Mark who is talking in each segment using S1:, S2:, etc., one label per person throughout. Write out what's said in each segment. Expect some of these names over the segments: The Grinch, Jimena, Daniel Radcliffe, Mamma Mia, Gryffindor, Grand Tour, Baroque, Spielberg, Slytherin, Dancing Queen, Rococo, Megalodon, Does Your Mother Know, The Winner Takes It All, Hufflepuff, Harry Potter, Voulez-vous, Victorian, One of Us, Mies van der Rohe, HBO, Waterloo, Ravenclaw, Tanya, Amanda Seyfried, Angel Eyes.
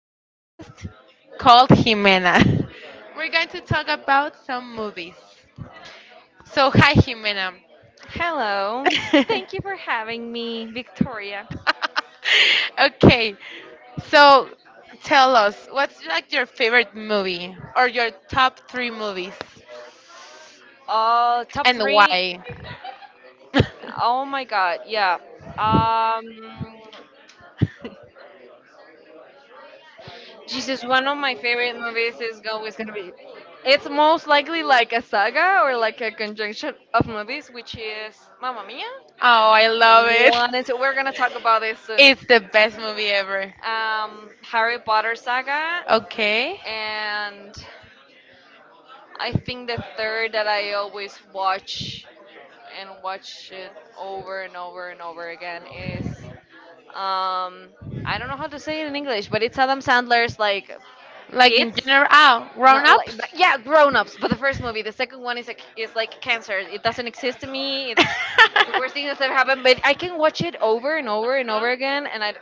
S1: new guest called Jimena. We're going to talk about some movies. So, hi Jimena.
S2: Hello. Thank you for having me, Victoria.
S1: okay, so tell us what's like your favorite movie or your top three movies
S2: Top
S1: and
S2: three.
S1: why?
S2: Oh my God. Yeah. Um, Jesus. One of my favorite movies is always gonna be. It's most likely like a saga or like a conjunction of movies, which is Mamma Mia.
S1: Oh, I love it.
S2: One and two. We're gonna talk about this soon.
S1: It's the best movie ever.
S2: Harry Potter saga,
S1: Okay.
S2: and I think the third that I always watch and watch it over and over and over again is, um I don't know how to say it in English, but it's Adam Sandler's, like,
S1: Like in
S2: kids.
S1: general, grown
S2: No, like,
S1: ups.
S2: but yeah, grown-ups. But the first movie, the second one is like cancer. It doesn't exist to me. It's the worst thing that's ever happened. But I can watch it over and over and over again, and I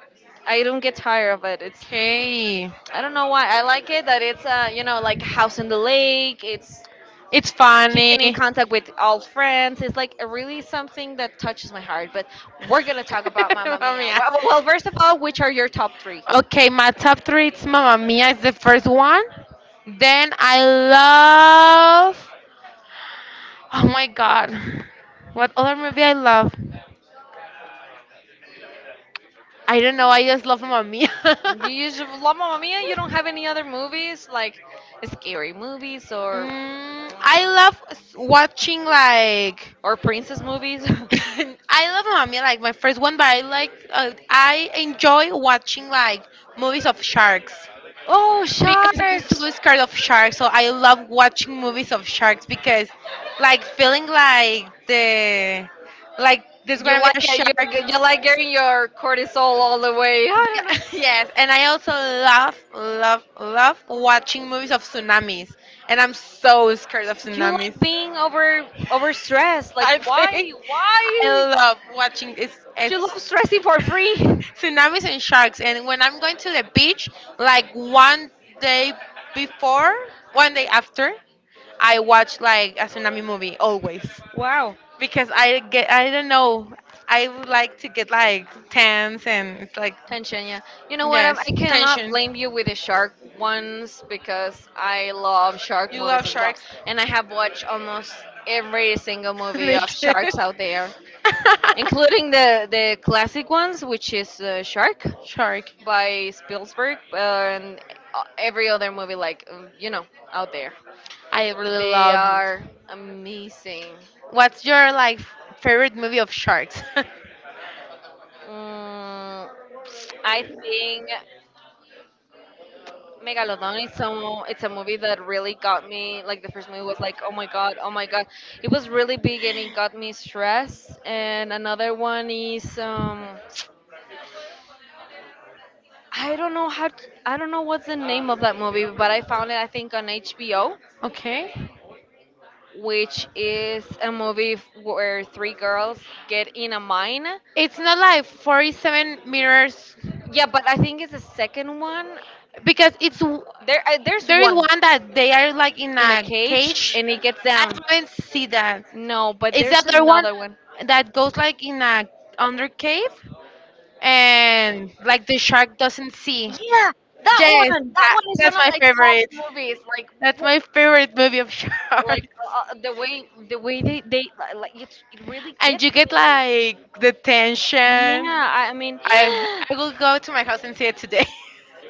S2: I don't get tired of it. It's
S1: okay,
S2: I don't know why I like it, that it's like House in the Lake. It's
S1: it's funny.
S2: Keeping in contact with old friends is, like, a really something that touches my heart. But we're gonna talk about Mamma
S1: Mamma
S2: Mia.
S1: Mia.
S2: Well, first of all, which are your top three?
S1: Okay, my top three. It's Mamma Mia. Is the first one. Then I love. Oh my God, what other movie I love? I don't know. I just love Mamma Mia.
S2: You usually love Mamma Mia. You don't have any other movies like scary movies, or
S1: Mm, I
S2: mm,
S1: love watching like.
S2: or princess movies.
S1: I love Mamma Mia, like my first one, but I enjoy watching like movies of sharks
S2: Oh,
S1: because I'm
S2: sharks!
S1: so scared of sharks. So I love watching movies of sharks because like feeling like the like there's
S2: You
S1: gonna be
S2: like
S1: a
S2: it. You
S1: shark.
S2: you like getting your cortisol all the way. I don't
S1: Yes, and I also love, love, love watching movies of tsunamis, and I'm
S2: know.
S1: so scared of
S2: You
S1: tsunamis.
S2: like being overstressed. Like
S1: I
S2: why?
S1: think I
S2: Why?
S1: love watching it's
S2: You love stressing for free.
S1: tsunamis and sharks. And when I'm going to the beach, like one day before, one day after, I watch like a tsunami movie always
S2: Wow,
S1: because I don't know. I would like to get like tense, and it's like,
S2: tension. Yeah. You know what? i
S1: yes,
S2: I cannot
S1: tension.
S2: blame you with the shark ones because I love shark
S1: You love
S2: movies as well,
S1: sharks.
S2: and I have watched almost every single movie
S1: Me
S2: of
S1: too.
S2: sharks out there, including the classic ones, which is, Shark,
S1: Shark.
S2: by Spielberg, and every other movie, like, out there.
S1: I really
S2: They
S1: love.
S2: are amazing.
S1: What's your like favorite movie of sharks?
S2: Mm, I think Megalodon is some it's a movie that really got me. Like, the first movie was like, oh my God, oh my God, it was really big and it got me stressed. And another one is, I don't know how to, I don't know what's the name of that movie, but I found it, I think, on HBO,
S1: Okay.
S2: which is a movie where three girls get in a mine.
S1: It's not like 47 meters
S2: Yeah, but I think it's the second one.
S1: because it's
S2: There's
S1: there is
S2: one
S1: one that they are like in
S2: in a
S1: a
S2: cage
S1: cage.
S2: and it gets
S1: I
S2: down.
S1: haven't see that.
S2: No, but
S1: It's the
S2: there's
S1: other one
S2: another one.
S1: that goes like in a under cave and like the shark doesn't see.
S2: That
S1: Yes,
S2: one, that
S1: that,
S2: one is one
S1: that's
S2: of
S1: my
S2: my top
S1: favorite.
S2: movies. Like,
S1: That's my favorite movie of
S2: like,
S1: sharks.
S2: the way they like it, really.
S1: And you get like the tension.
S2: Yeah,
S1: I
S2: I mean,
S1: I will go to my house and see it today.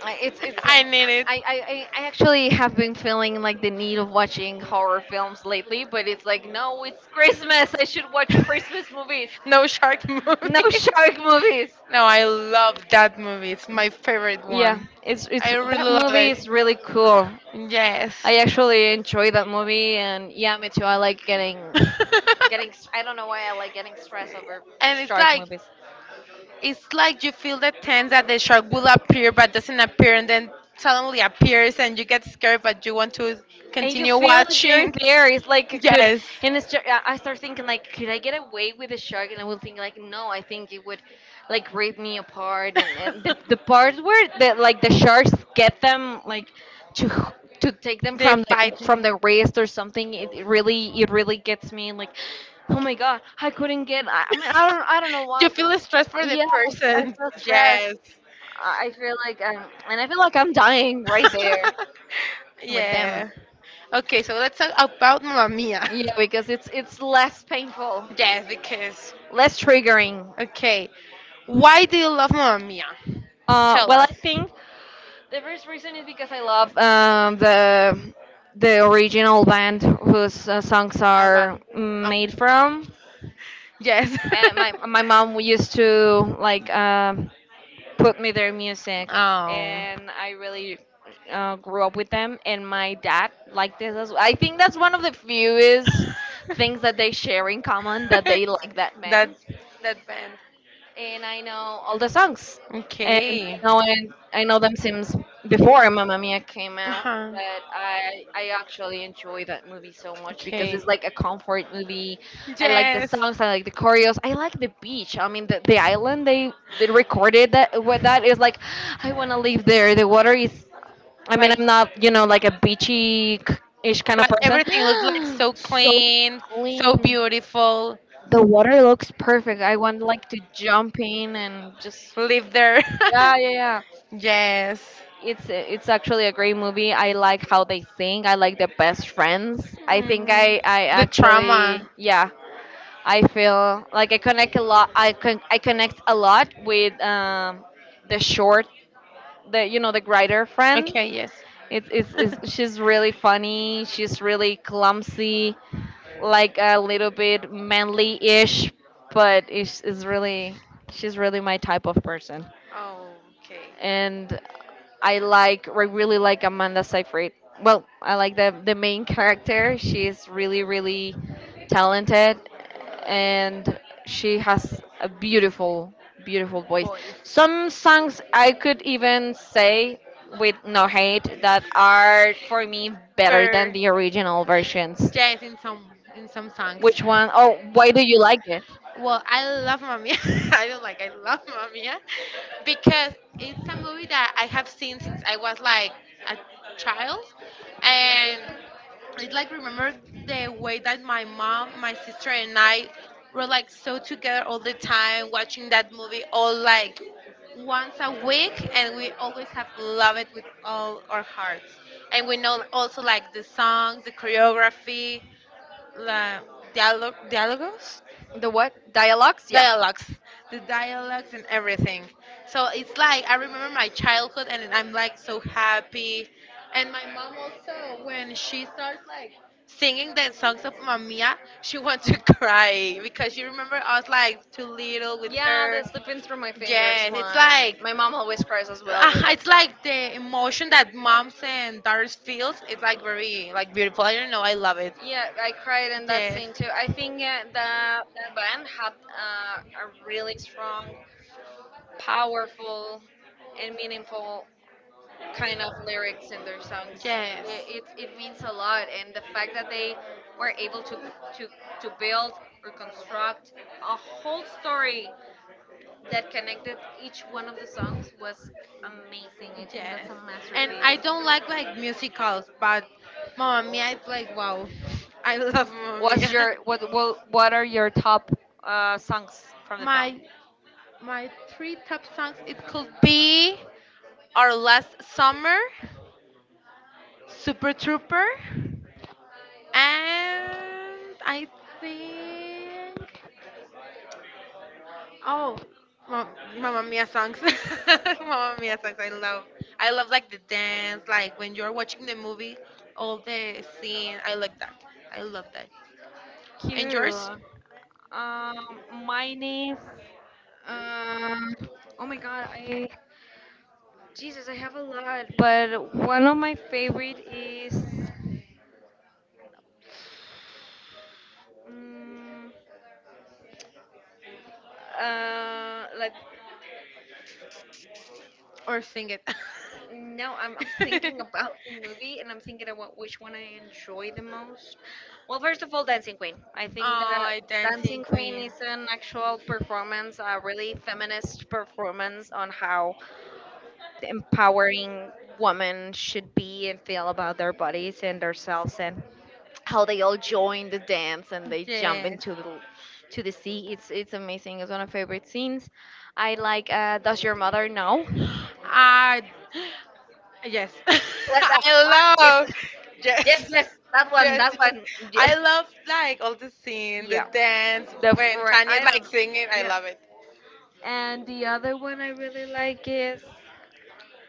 S2: I- it's
S1: I need it.
S2: I actually have been feeling like the need of watching horror films lately, but it's like no, it's Christmas. I should watch Christmas movies,
S1: No shark movie.
S2: no shark movies.
S1: No, I love that movie. It's my favorite
S2: Yeah,
S1: one.
S2: it's
S1: I really
S2: that
S1: love
S2: movie
S1: it.
S2: is really cool.
S1: Yes.
S2: I actually enjoy that movie, and yeah, me too. I like getting. I don't know why I like getting stressed over
S1: And it's
S2: shark
S1: like
S2: movies.
S1: It's like you feel the tense that the shark will appear but doesn't appear, and then suddenly appears and you get scared but you want to
S2: And you
S1: continue
S2: feel like you're
S1: watching.
S2: there. It's like it could,
S1: Yes.
S2: and it's just, I start thinking like, could I get away with the shark? And I will think like, no, I think it would, like, rip me apart. And the parts where, the like, the sharks get them, like, to to take them
S1: They
S2: from
S1: bite me.
S2: from the wrist or something. It really gets me, like. Oh my God, I couldn't get. I mean, I don't know
S1: You
S2: why, but
S1: feel stress for the
S2: yes, I
S1: person.
S2: feel stressed.
S1: Yes.
S2: I feel like, and I feel like I'm dying right there with them.
S1: Yeah. Okay, so let's talk about Mamma Mia.
S2: Yeah, because it's less painful,
S1: Yes, because.
S2: less triggering.
S1: Okay, why do you love Mamma Mia? Tell
S2: Well,
S1: us.
S2: I think the first reason is because I love, the original band whose, songs
S1: Ava.
S2: are
S1: Oh,
S2: made from.
S1: yes.
S2: And my mom used to, like, put me their music,
S1: Oh.
S2: and I really, grew up with them. And my dad liked this. As I think that's one of the fewest things that they share in common, that they like that
S1: that
S2: band.
S1: that band.
S2: And I know all the songs. And
S1: Okay.
S2: I know them since before Mamma Mia came
S1: Uh
S2: out.
S1: huh.
S2: But I actually enjoy that movie so much because
S1: Okay.
S2: it's like a comfort movie. I like the
S1: Yes.
S2: songs. I like the choreos. I like the beach. I mean, the island they recorded that with, that is like I want to live there. The water is. I mean,
S1: Like,
S2: I'm not, like, a beachy ish kind of
S1: but
S2: person.
S1: everything looked like so
S2: So
S1: clean, so
S2: clean,
S1: beautiful.
S2: the water looks perfect. I want, like, to jump in and just
S1: Live there.
S2: yeah, yeah, yeah.
S1: Yes.
S2: It's actually a great movie. I like how they sing. I like the best friends. I think
S1: Mm.
S2: I,
S1: The trauma.
S2: actually. Yeah. I feel like I connect a lot. I connect a lot with, the short, the you know the writer friend.
S1: Okay. Yes.
S2: It's she's really funny. She's really clumsy. Like, a little bit manly-ish, but is really she's really my type of person.
S1: Okay,
S2: And I really like Amanda Seyfried. Well, I like the main character. She's really, really talented, and she has a beautiful, beautiful voice.
S1: boys.
S2: Some songs I could even say, with no hate, that are for me better than
S1: Better,
S2: the original versions.
S1: yes, in some songs.
S2: Which one? Or why do you like it?
S1: Well, I love Mamma Mia. I don't like. I love Mamma Mia because it's a movie that I have seen since I was like a child, and it like remember the way that my mom, my sister, and I were like so together all the time, watching that movie all like once a week, and we always have loved it with all our hearts. And we know also like the songs, the choreography, the dialogue, dialogues,
S2: The what? Dialogues? Yeah.
S1: dialogues the dialogues and everything, so it's like I remember my childhood, and I'm like so happy, and my mom also, when she starts like singing the songs of Mamma Mia, she wants to cry because she remember us like too little with
S2: Yeah,
S1: her.
S2: the slipping through my fingers
S1: Yes, it's
S2: one.
S1: like.
S2: My mom always cries as well with
S1: Ah,
S2: that
S1: it's
S2: song.
S1: like the emotion that moms and daughters feels. It's like very like beautiful. I don't know. I love it.
S2: Yeah, I cried in that
S1: Yes.
S2: scene too. I think, that band had, a really strong, powerful, and meaningful kind of lyrics in their songs.
S1: Yes.
S2: It means a lot, and the fact that they were able to to build or construct a whole story that connected each one of the songs was amazing. I think that's
S1: Yes.
S2: a
S1: And
S2: masterpiece.
S1: I don't like musicals, but Mamma Mia it's like wow. I love Mamma
S2: What's
S1: Mia.
S2: your what what what are your top, songs from the film?
S1: My my three top songs it could be Our Last Summer, Super Trooper, and I think. Oh, Ma- Mamma Mia songs. Mamma Mia songs. I love. I love like the dance, like when you're watching the movie, all the scene. I like that. I love that. And yours?
S2: Cute. Um, Mine is um. Oh my God, I Jesus, I have a lot, but one of my favorite is. Mm, uh, like
S1: Or sing it?
S2: No, I'm thinking about the movie and I'm thinking about which one I enjoy the most. Well, first of all, Dancing Queen. I think that
S1: Oh, Dancing
S2: Dancing Queen
S1: Queen.
S2: is an actual performance, a really feminist performance on how the empowering women should be and feel about their bodies and themselves, and how they all join the dance and they jump
S1: Yes.
S2: into the to the sea. It's amazing. It's one of my favorite scenes. I like, Does Your Mother Know?
S1: I yes.
S2: That- that- that
S1: I
S2: is
S1: love
S2: Yes,
S1: Yes. Yes.
S2: yes, that one, that
S1: Yes.
S2: one. Yeah,
S1: I love like all the scene, the
S2: yeah.
S1: dance
S2: The
S1: when
S2: friend.
S1: Tanya
S2: I don't
S1: like
S2: know.
S1: singing. I
S2: Yeah,
S1: love it.
S2: and the other one I really like is,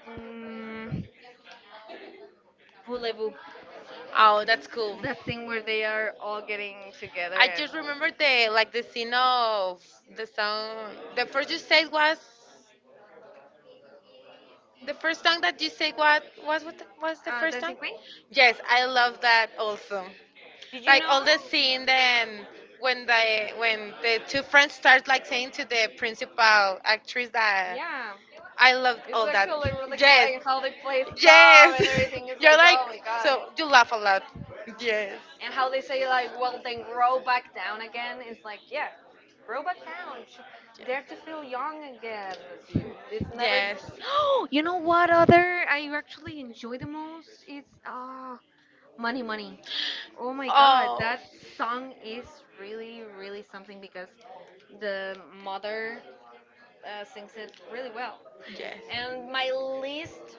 S2: um, Voulez-vous.
S1: Oh, that's cool.
S2: That thing where they are all getting together,
S1: I
S2: and,
S1: just remember the scene of the song. The first you said was the first song that you said, what was the first song?
S2: Dancing Queen.
S1: Yes, I love that also.
S2: Did you
S1: Like all
S2: know?
S1: the scene, then when the two friends start like saying to the principal actress that
S2: Yeah.
S1: I loved
S2: It's
S1: all that.
S2: actually really cool,
S1: Yes,
S2: and how they play stuff
S1: yes.
S2: and everything is
S1: You're
S2: like,
S1: like,
S2: oh my God.
S1: so you laugh a lot. Yes.
S2: And how they say like, well, then grow back down again is like, yeah, grow back down. Dare to feel young again. It's never.
S1: Yes.
S2: You know what other I actually enjoy the most is, money, money. Oh my God,
S1: Oh.
S2: that song is really, really something because the mother, sings it really well.
S1: Yes.
S2: And my least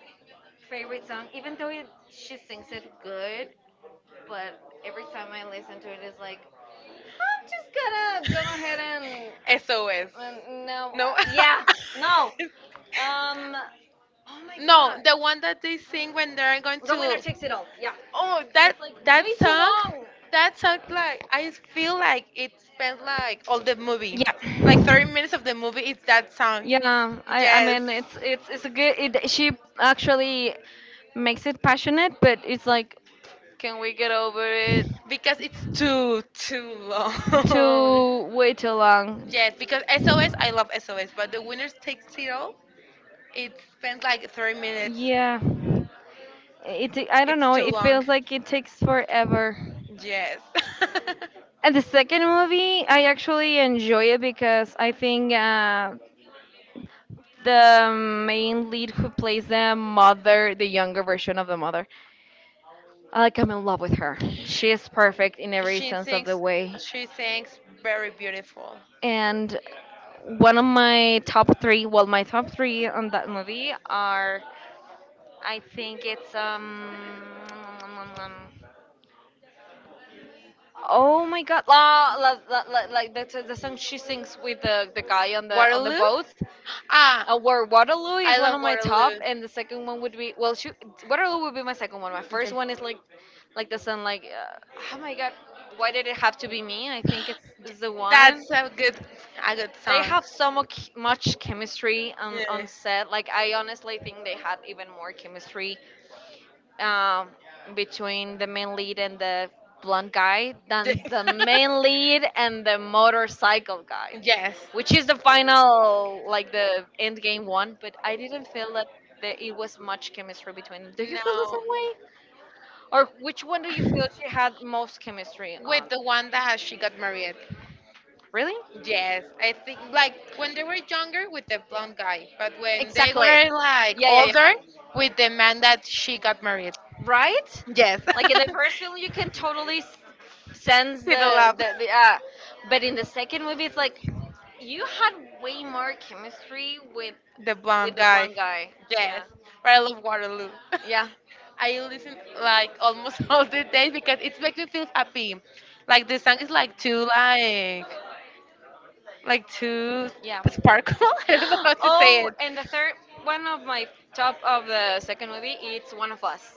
S2: favorite song, even though she sings it good, but every time I listen to it, it's like I'm just gonna go ahead and,
S1: SOS.
S2: and no,
S1: No, no.
S2: yeah, no. Um, oh my
S1: No,
S2: God,
S1: the one that they sing when they're going
S2: the winner
S1: to.
S2: takes it all. Yeah,
S1: Oh, that
S2: it's like
S1: that
S2: way too
S1: song,
S2: long.
S1: that song. Like, I feel like it spent like all the movie,
S2: Yeah.
S1: like thirty
S2: The
S1: minutes of the movie. It's that song.
S2: Yeah. I
S1: Yes,
S2: mean, it's a good. She actually makes it passionate, but it's like, can we get over it?
S1: because it's too long.
S2: To wait too long.
S1: Yes, because SOS, I love SOS, but the winners takes it all. It spent like 30 minutes.
S2: Yeah. It I don't
S1: It's
S2: know,
S1: too
S2: it
S1: long.
S2: feels like it takes forever.
S1: Yes.
S2: And the second movie, I actually enjoy it because I think, the main lead who plays the mother, the younger version of the mother, I'm in love with her. She is perfect in every
S1: She
S2: sense of the
S1: sings.
S2: way.
S1: She sings very beautiful.
S2: And one of my top three, well, my top three on that movie are, I think it's, oh my God, la, la, la, la, like the song she sings with the guy on the
S1: Waterloo.
S2: boat.
S1: Ah,
S2: Where Waterloo is
S1: I
S2: one of
S1: love
S2: my top.
S1: Waterloo.
S2: And the second one would be, well, Waterloo would be my second one. My first
S1: Okay,
S2: one is, like the song, like, oh my God, why did it have to be me. I think it's the one.
S1: that's a good
S2: They
S1: song.
S2: have so much chemistry, on
S1: Yes.
S2: set. Like, I honestly think they had even more chemistry, um, between the main lead and the blonde guy than the main lead and the motorcycle guy,
S1: Yes.
S2: which is the final, like, the end game one. But I didn't feel that. That it was much chemistry between them. Do you feel the
S1: No,
S2: same way? Or which one do you feel she had most chemistry
S1: with
S2: on?
S1: the one that she got married.
S2: Really?
S1: Yes, I think like when they were younger with the blonde guy, but when they
S2: Exactly.
S1: were like
S2: Yeah, yeah,
S1: older
S2: yeah.
S1: with the man that she got married.
S2: Right?
S1: Yes.
S2: Like in the first film, you can totally sense
S1: With the
S2: the
S1: love.
S2: the, the uh, but in the second movie, it's like you had way more chemistry
S1: The bomb
S2: with the
S1: guy.
S2: blonde guy.
S1: Yes.
S2: Yeah.
S1: But I love Waterloo.
S2: Yeah.
S1: I listen like almost all the days because it makes me feel happy. Like, the song is like too like too
S2: Yeah.
S1: sparkle. I don't know how to say
S2: Oh,
S1: it.
S2: and the third one of my top of the second movie, it's One of Us.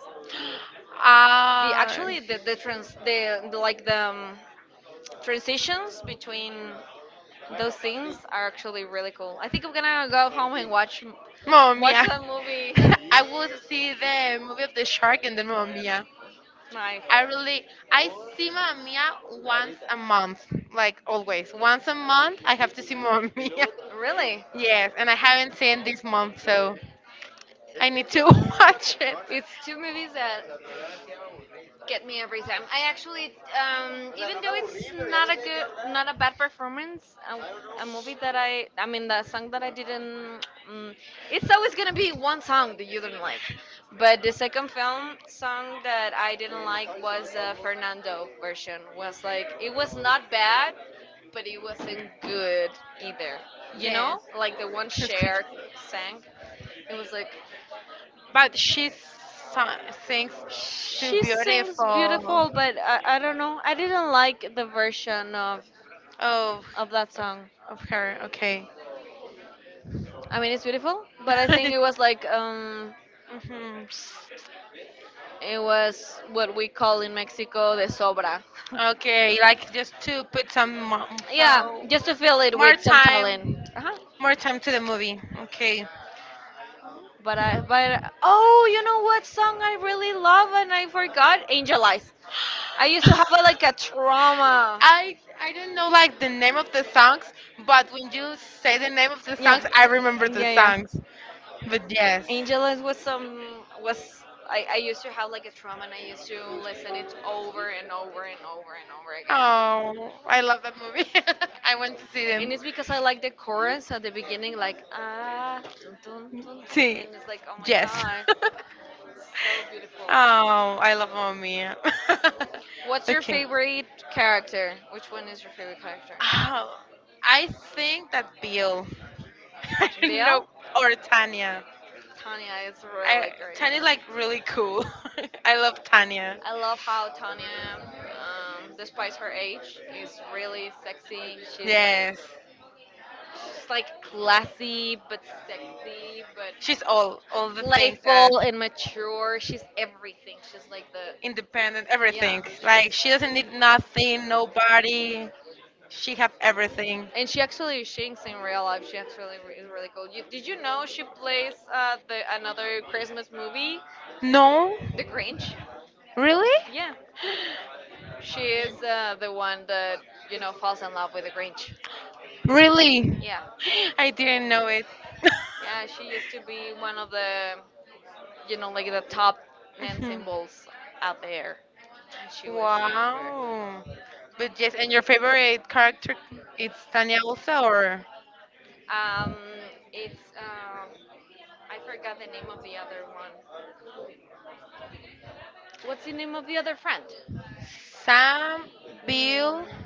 S2: The
S1: Ah.
S2: actually the trans the like the transitions between those scenes are actually really cool. I think I'm gonna go home and
S1: Mamma
S2: watch
S1: Mia.
S2: that movie.
S1: I would see the movie of the shark and then Mamma Mia.
S2: Nice.
S1: I really, I see Mamma Mia once a month, like always. Once a month, I have to see Mamma Mia.
S2: Really?
S1: Yes, and I haven't seen this month, so I need to watch it.
S2: It's two movies that get me every time. I actually, even though it's not a good, not a bad performance, a movie that I mean, the song that I didn't, it's always gonna be one song that you don't like. But the second film song that I didn't like was the Fernando version. Was like it was not bad, but it wasn't good either. You know,
S1: Yes,
S2: like the one
S1: it's good.
S2: Cher sang. It was like.
S1: But she sings too
S2: She sings
S1: beautiful.
S2: beautiful, but I don't know. I didn't like the version
S1: Oh,
S2: of that song.
S1: of her. Okay.
S2: I mean, it's beautiful, but I think it was like
S1: hmm
S2: it was what we call in Mexico the sobra.
S1: Okay, like just to put
S2: Yeah,
S1: so
S2: just to fill it
S1: more
S2: with some
S1: time,
S2: talent. Uh-huh.
S1: more time to the movie. Okay.
S2: But I, but Oh, you know what song I really love and I forgot? Angel Eyes. I used to have like a trauma.
S1: I don't know like the name of the songs, but when you say the name of the
S2: Yeah,
S1: songs, I remember the
S2: yeah, yeah.
S1: songs. But yes.
S2: Angelus was some was I used to have like a trauma and I used to listen it over and over and over and over again.
S1: Oh, I love that movie. I want to see them.
S2: And it's because I like the chorus at the beginning like ah dun, dun, dun, dun,
S1: See.
S2: and it's like oh my
S1: Yes.
S2: god, so beautiful.
S1: Oh, I love Mamma Mia.
S2: What's your
S1: Okay.
S2: favorite character? Which one is your favorite character?
S1: Oh, I think that Bill. I don't
S2: Bill.
S1: know. Or Tanya.
S2: Tanya is
S1: I
S2: really great.
S1: Tanya's like really cool. I love Tanya.
S2: I love how Tanya, despite her age, is really sexy.
S1: Yes.
S2: She's like classy but sexy, but
S1: She's all the things that
S2: playful and mature. She's everything. She's like the,
S1: independent,
S2: yeah.
S1: everything.
S2: She,
S1: Like, she doesn't need nothing, nobody. She have everything.
S2: and she actually sings in real life. She actually is really cool. You, did you know she plays the another Christmas movie,
S1: No?
S2: The Grinch?
S1: Really?
S2: Yeah. She is the one that you know falls in love with the Grinch.
S1: Really?
S2: Yeah,
S1: I didn't know it.
S2: yeah. She used to be one of the you know like the top men
S1: Mhm.
S2: symbols out there when she was younger.
S1: Wow. But yes, and your favorite character it's Tanya also or
S2: Um, it's I forgot the name of the other one. What's the name of the other friend?
S1: Sam, Bill,
S2: Mm,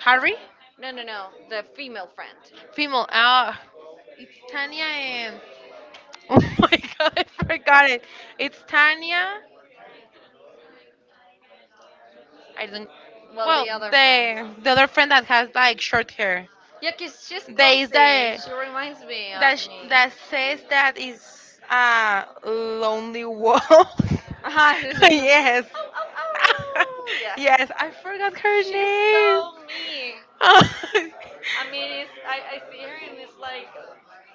S1: Harry,
S2: no, no, no. The female friend.
S1: female. It's Tanya and oh my god, I forgot it. It's Tanya. I don't.
S2: Well,
S1: Well,
S2: the other friend.
S1: the other friend that has like short hair.
S2: Yeah, 'cause she's
S1: There is
S2: clumsy.
S1: the
S2: She reminds me of
S1: that that says that
S2: me.
S1: is a lonely wolf.
S2: Ah, she's just, like,
S1: Yes.
S2: oh, oh, oh, yeah.
S1: Yes, I forgot her
S2: She's so me.
S1: name.
S2: I mean, it's I see her and it's like,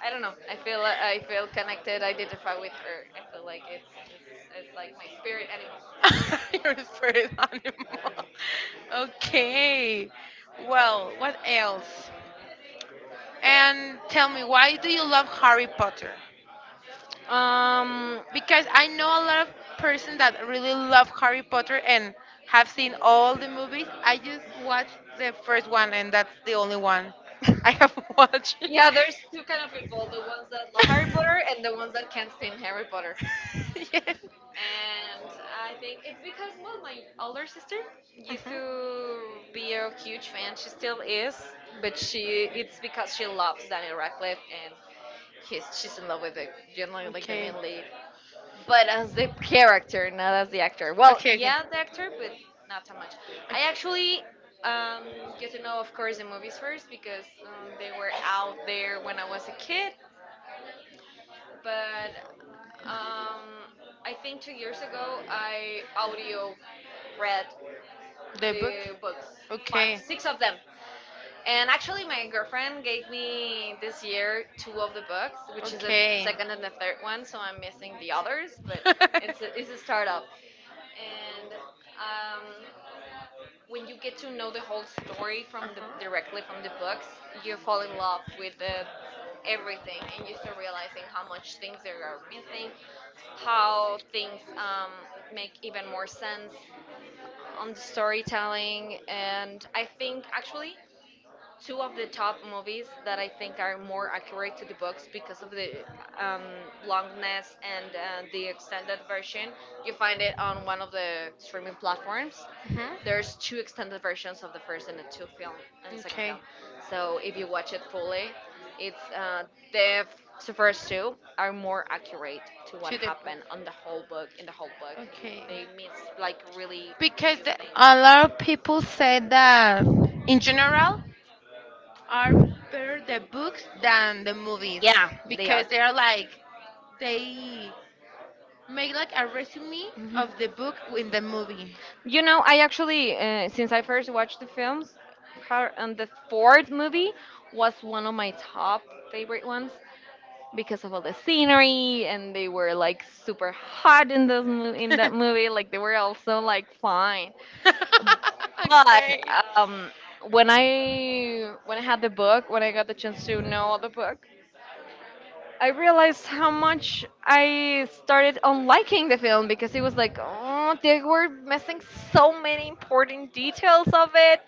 S2: I don't know. I feel connected. Identify with her. I feel like it's like my spirit animal.
S1: Your spirit animal. Okay. Well, what else? And tell me, why do you love Harry Potter?
S2: Um,
S1: Because I know a lot of persons that really love Harry Potter and have seen all the movies. I just watched the first one, and that's the only one I have watched.
S2: yeah. There's two kind of people: the ones that love Harry Potter and the ones that can't stand Harry Potter.
S1: Yes.
S2: And I think it's because well, my older sister used
S1: Mhm.
S2: to be a huge fan. She still is, but she it's because she loves Daniel Radcliffe and he's she's in love with the generally like the
S1: Okay.
S2: main lead, but as the character, not as the actor. Well,
S1: Okay,
S2: yeah, the actor, but not so much. I actually get to know, of course, the movies first because they were out there when I was a kid but um, I think 2 years ago I audio read
S1: the book?
S2: the books, five,
S1: Okay.
S2: six of them. And actually, my girlfriend gave me this year two of the books, which is the second and the third one, so I'm missing the others, but it's it's a startup. And um, when you get to know the whole story from the directly from the books, you fall in love with the, everything, and you start realizing how much things there are missing, how things make even more sense on the storytelling. And I think actually, two of the top movies that I think are more accurate to the books because of the um, longness and the extended version. You find it on one of the streaming platforms.
S1: Mhm.
S2: There's two extended versions of the first and the second
S1: Okay.
S2: film. So if you watch it fully, it's the first two are more accurate to what
S1: To the.
S2: happened on the whole book in the whole book.
S1: Okay.
S2: They miss like really
S1: Because
S2: things.
S1: a lot of people say that in general are better the books than the movies
S2: Yeah, they
S1: because
S2: are.
S1: they make like a resume
S2: Mhm.
S1: of the book in the movie.
S2: You know, I actually, since I first watched the films, her, and the fourth movie was one of my top favorite ones because of all the scenery and they were like super hot in in that
S1: Okay.
S2: movie. Like they were also like fine. But um, when I had the book, when I got the chance to know the book, I realized how much I started on liking the film because it was like, oh, they were missing so many important details of it,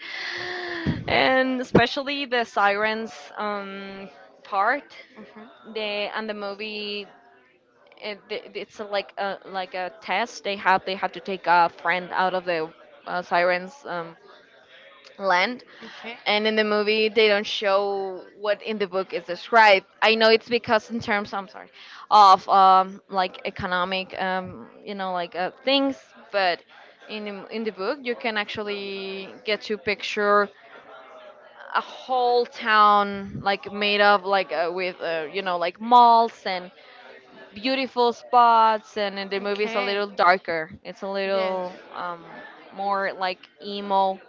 S2: and especially the sirens um, part.
S1: Mhm.
S2: They and the movie. It, it's like a test they have. They have to take a friend out of the sirens land.
S1: Okay.
S2: And in the movie, they don't show what in the book is described. I know it's because in terms, I'm sorry, of like economic, you know, like things. But in the book, you can actually get to picture a whole town like made of like with you know like malls and beautiful spots. And in the movie, it's a
S1: Okay.
S2: little darker. It's a
S1: Yes.
S2: little more like emo,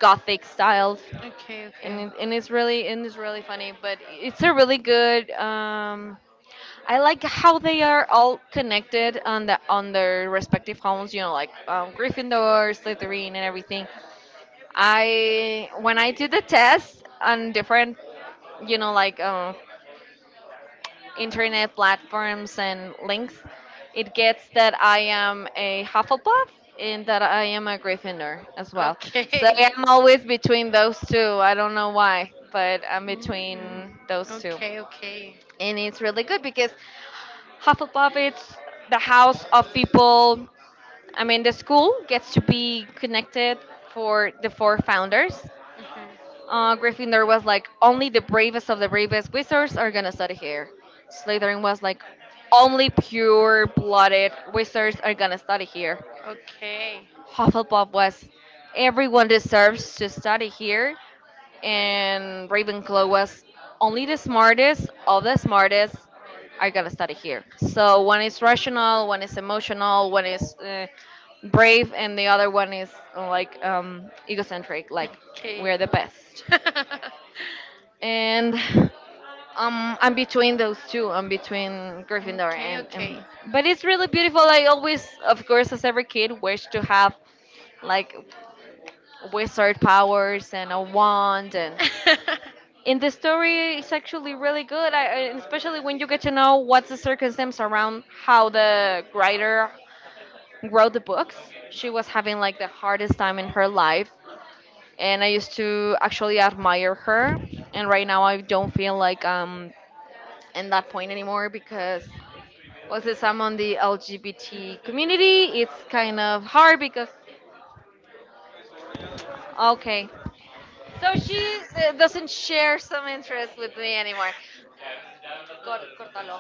S2: gothic styled.
S1: Okay. Okay.
S2: And it's really funny but it's a really good I like how they are all connected on their respective homes, you know, like Gryffindor, Slytherin and everything. I did the test on different, you know, like internet platforms and links, it gets that I am a Hufflepuff and that I am a Gryffindor as well. So
S1: Okay.
S2: I'm always between those two. I don't know why, but I'm
S1: Mm.
S2: between those two.
S1: Okay. Okay.
S2: And it's really good because Hufflepuff it's the house of people. I mean, the school gets to be connected for the four founders,
S1: Mhm.
S2: Gryffindor was like, only the bravest of the bravest wizards are gonna study here. Slytherin was like, only pure-blooded wizards are gonna study here.
S1: Okay.
S2: Hufflepuff was, everyone deserves to study here. And Ravenclaw was, only the smartest of the smartest are gonna study here. So one is rational, one is emotional, one is brave, and the other one is like egocentric, like
S1: Okay.
S2: we're the best. And I'm between those two. I'm between Gryffindor
S1: Okay. Okay.
S2: and. But it's really beautiful. I always, of course, as every kid, wish to have like wizard powers and a wand. And in the story, it's actually really good. And especially when you get to know what's the circumstance around how the writer wrote the books. She was having like the hardest time in her life, and I used to actually admire her. And right now, I don't feel like in that point anymore because well, since I'm on the LGBT community, it's kind of hard because okay. So she doesn't share some interest with me anymore. Cortalo.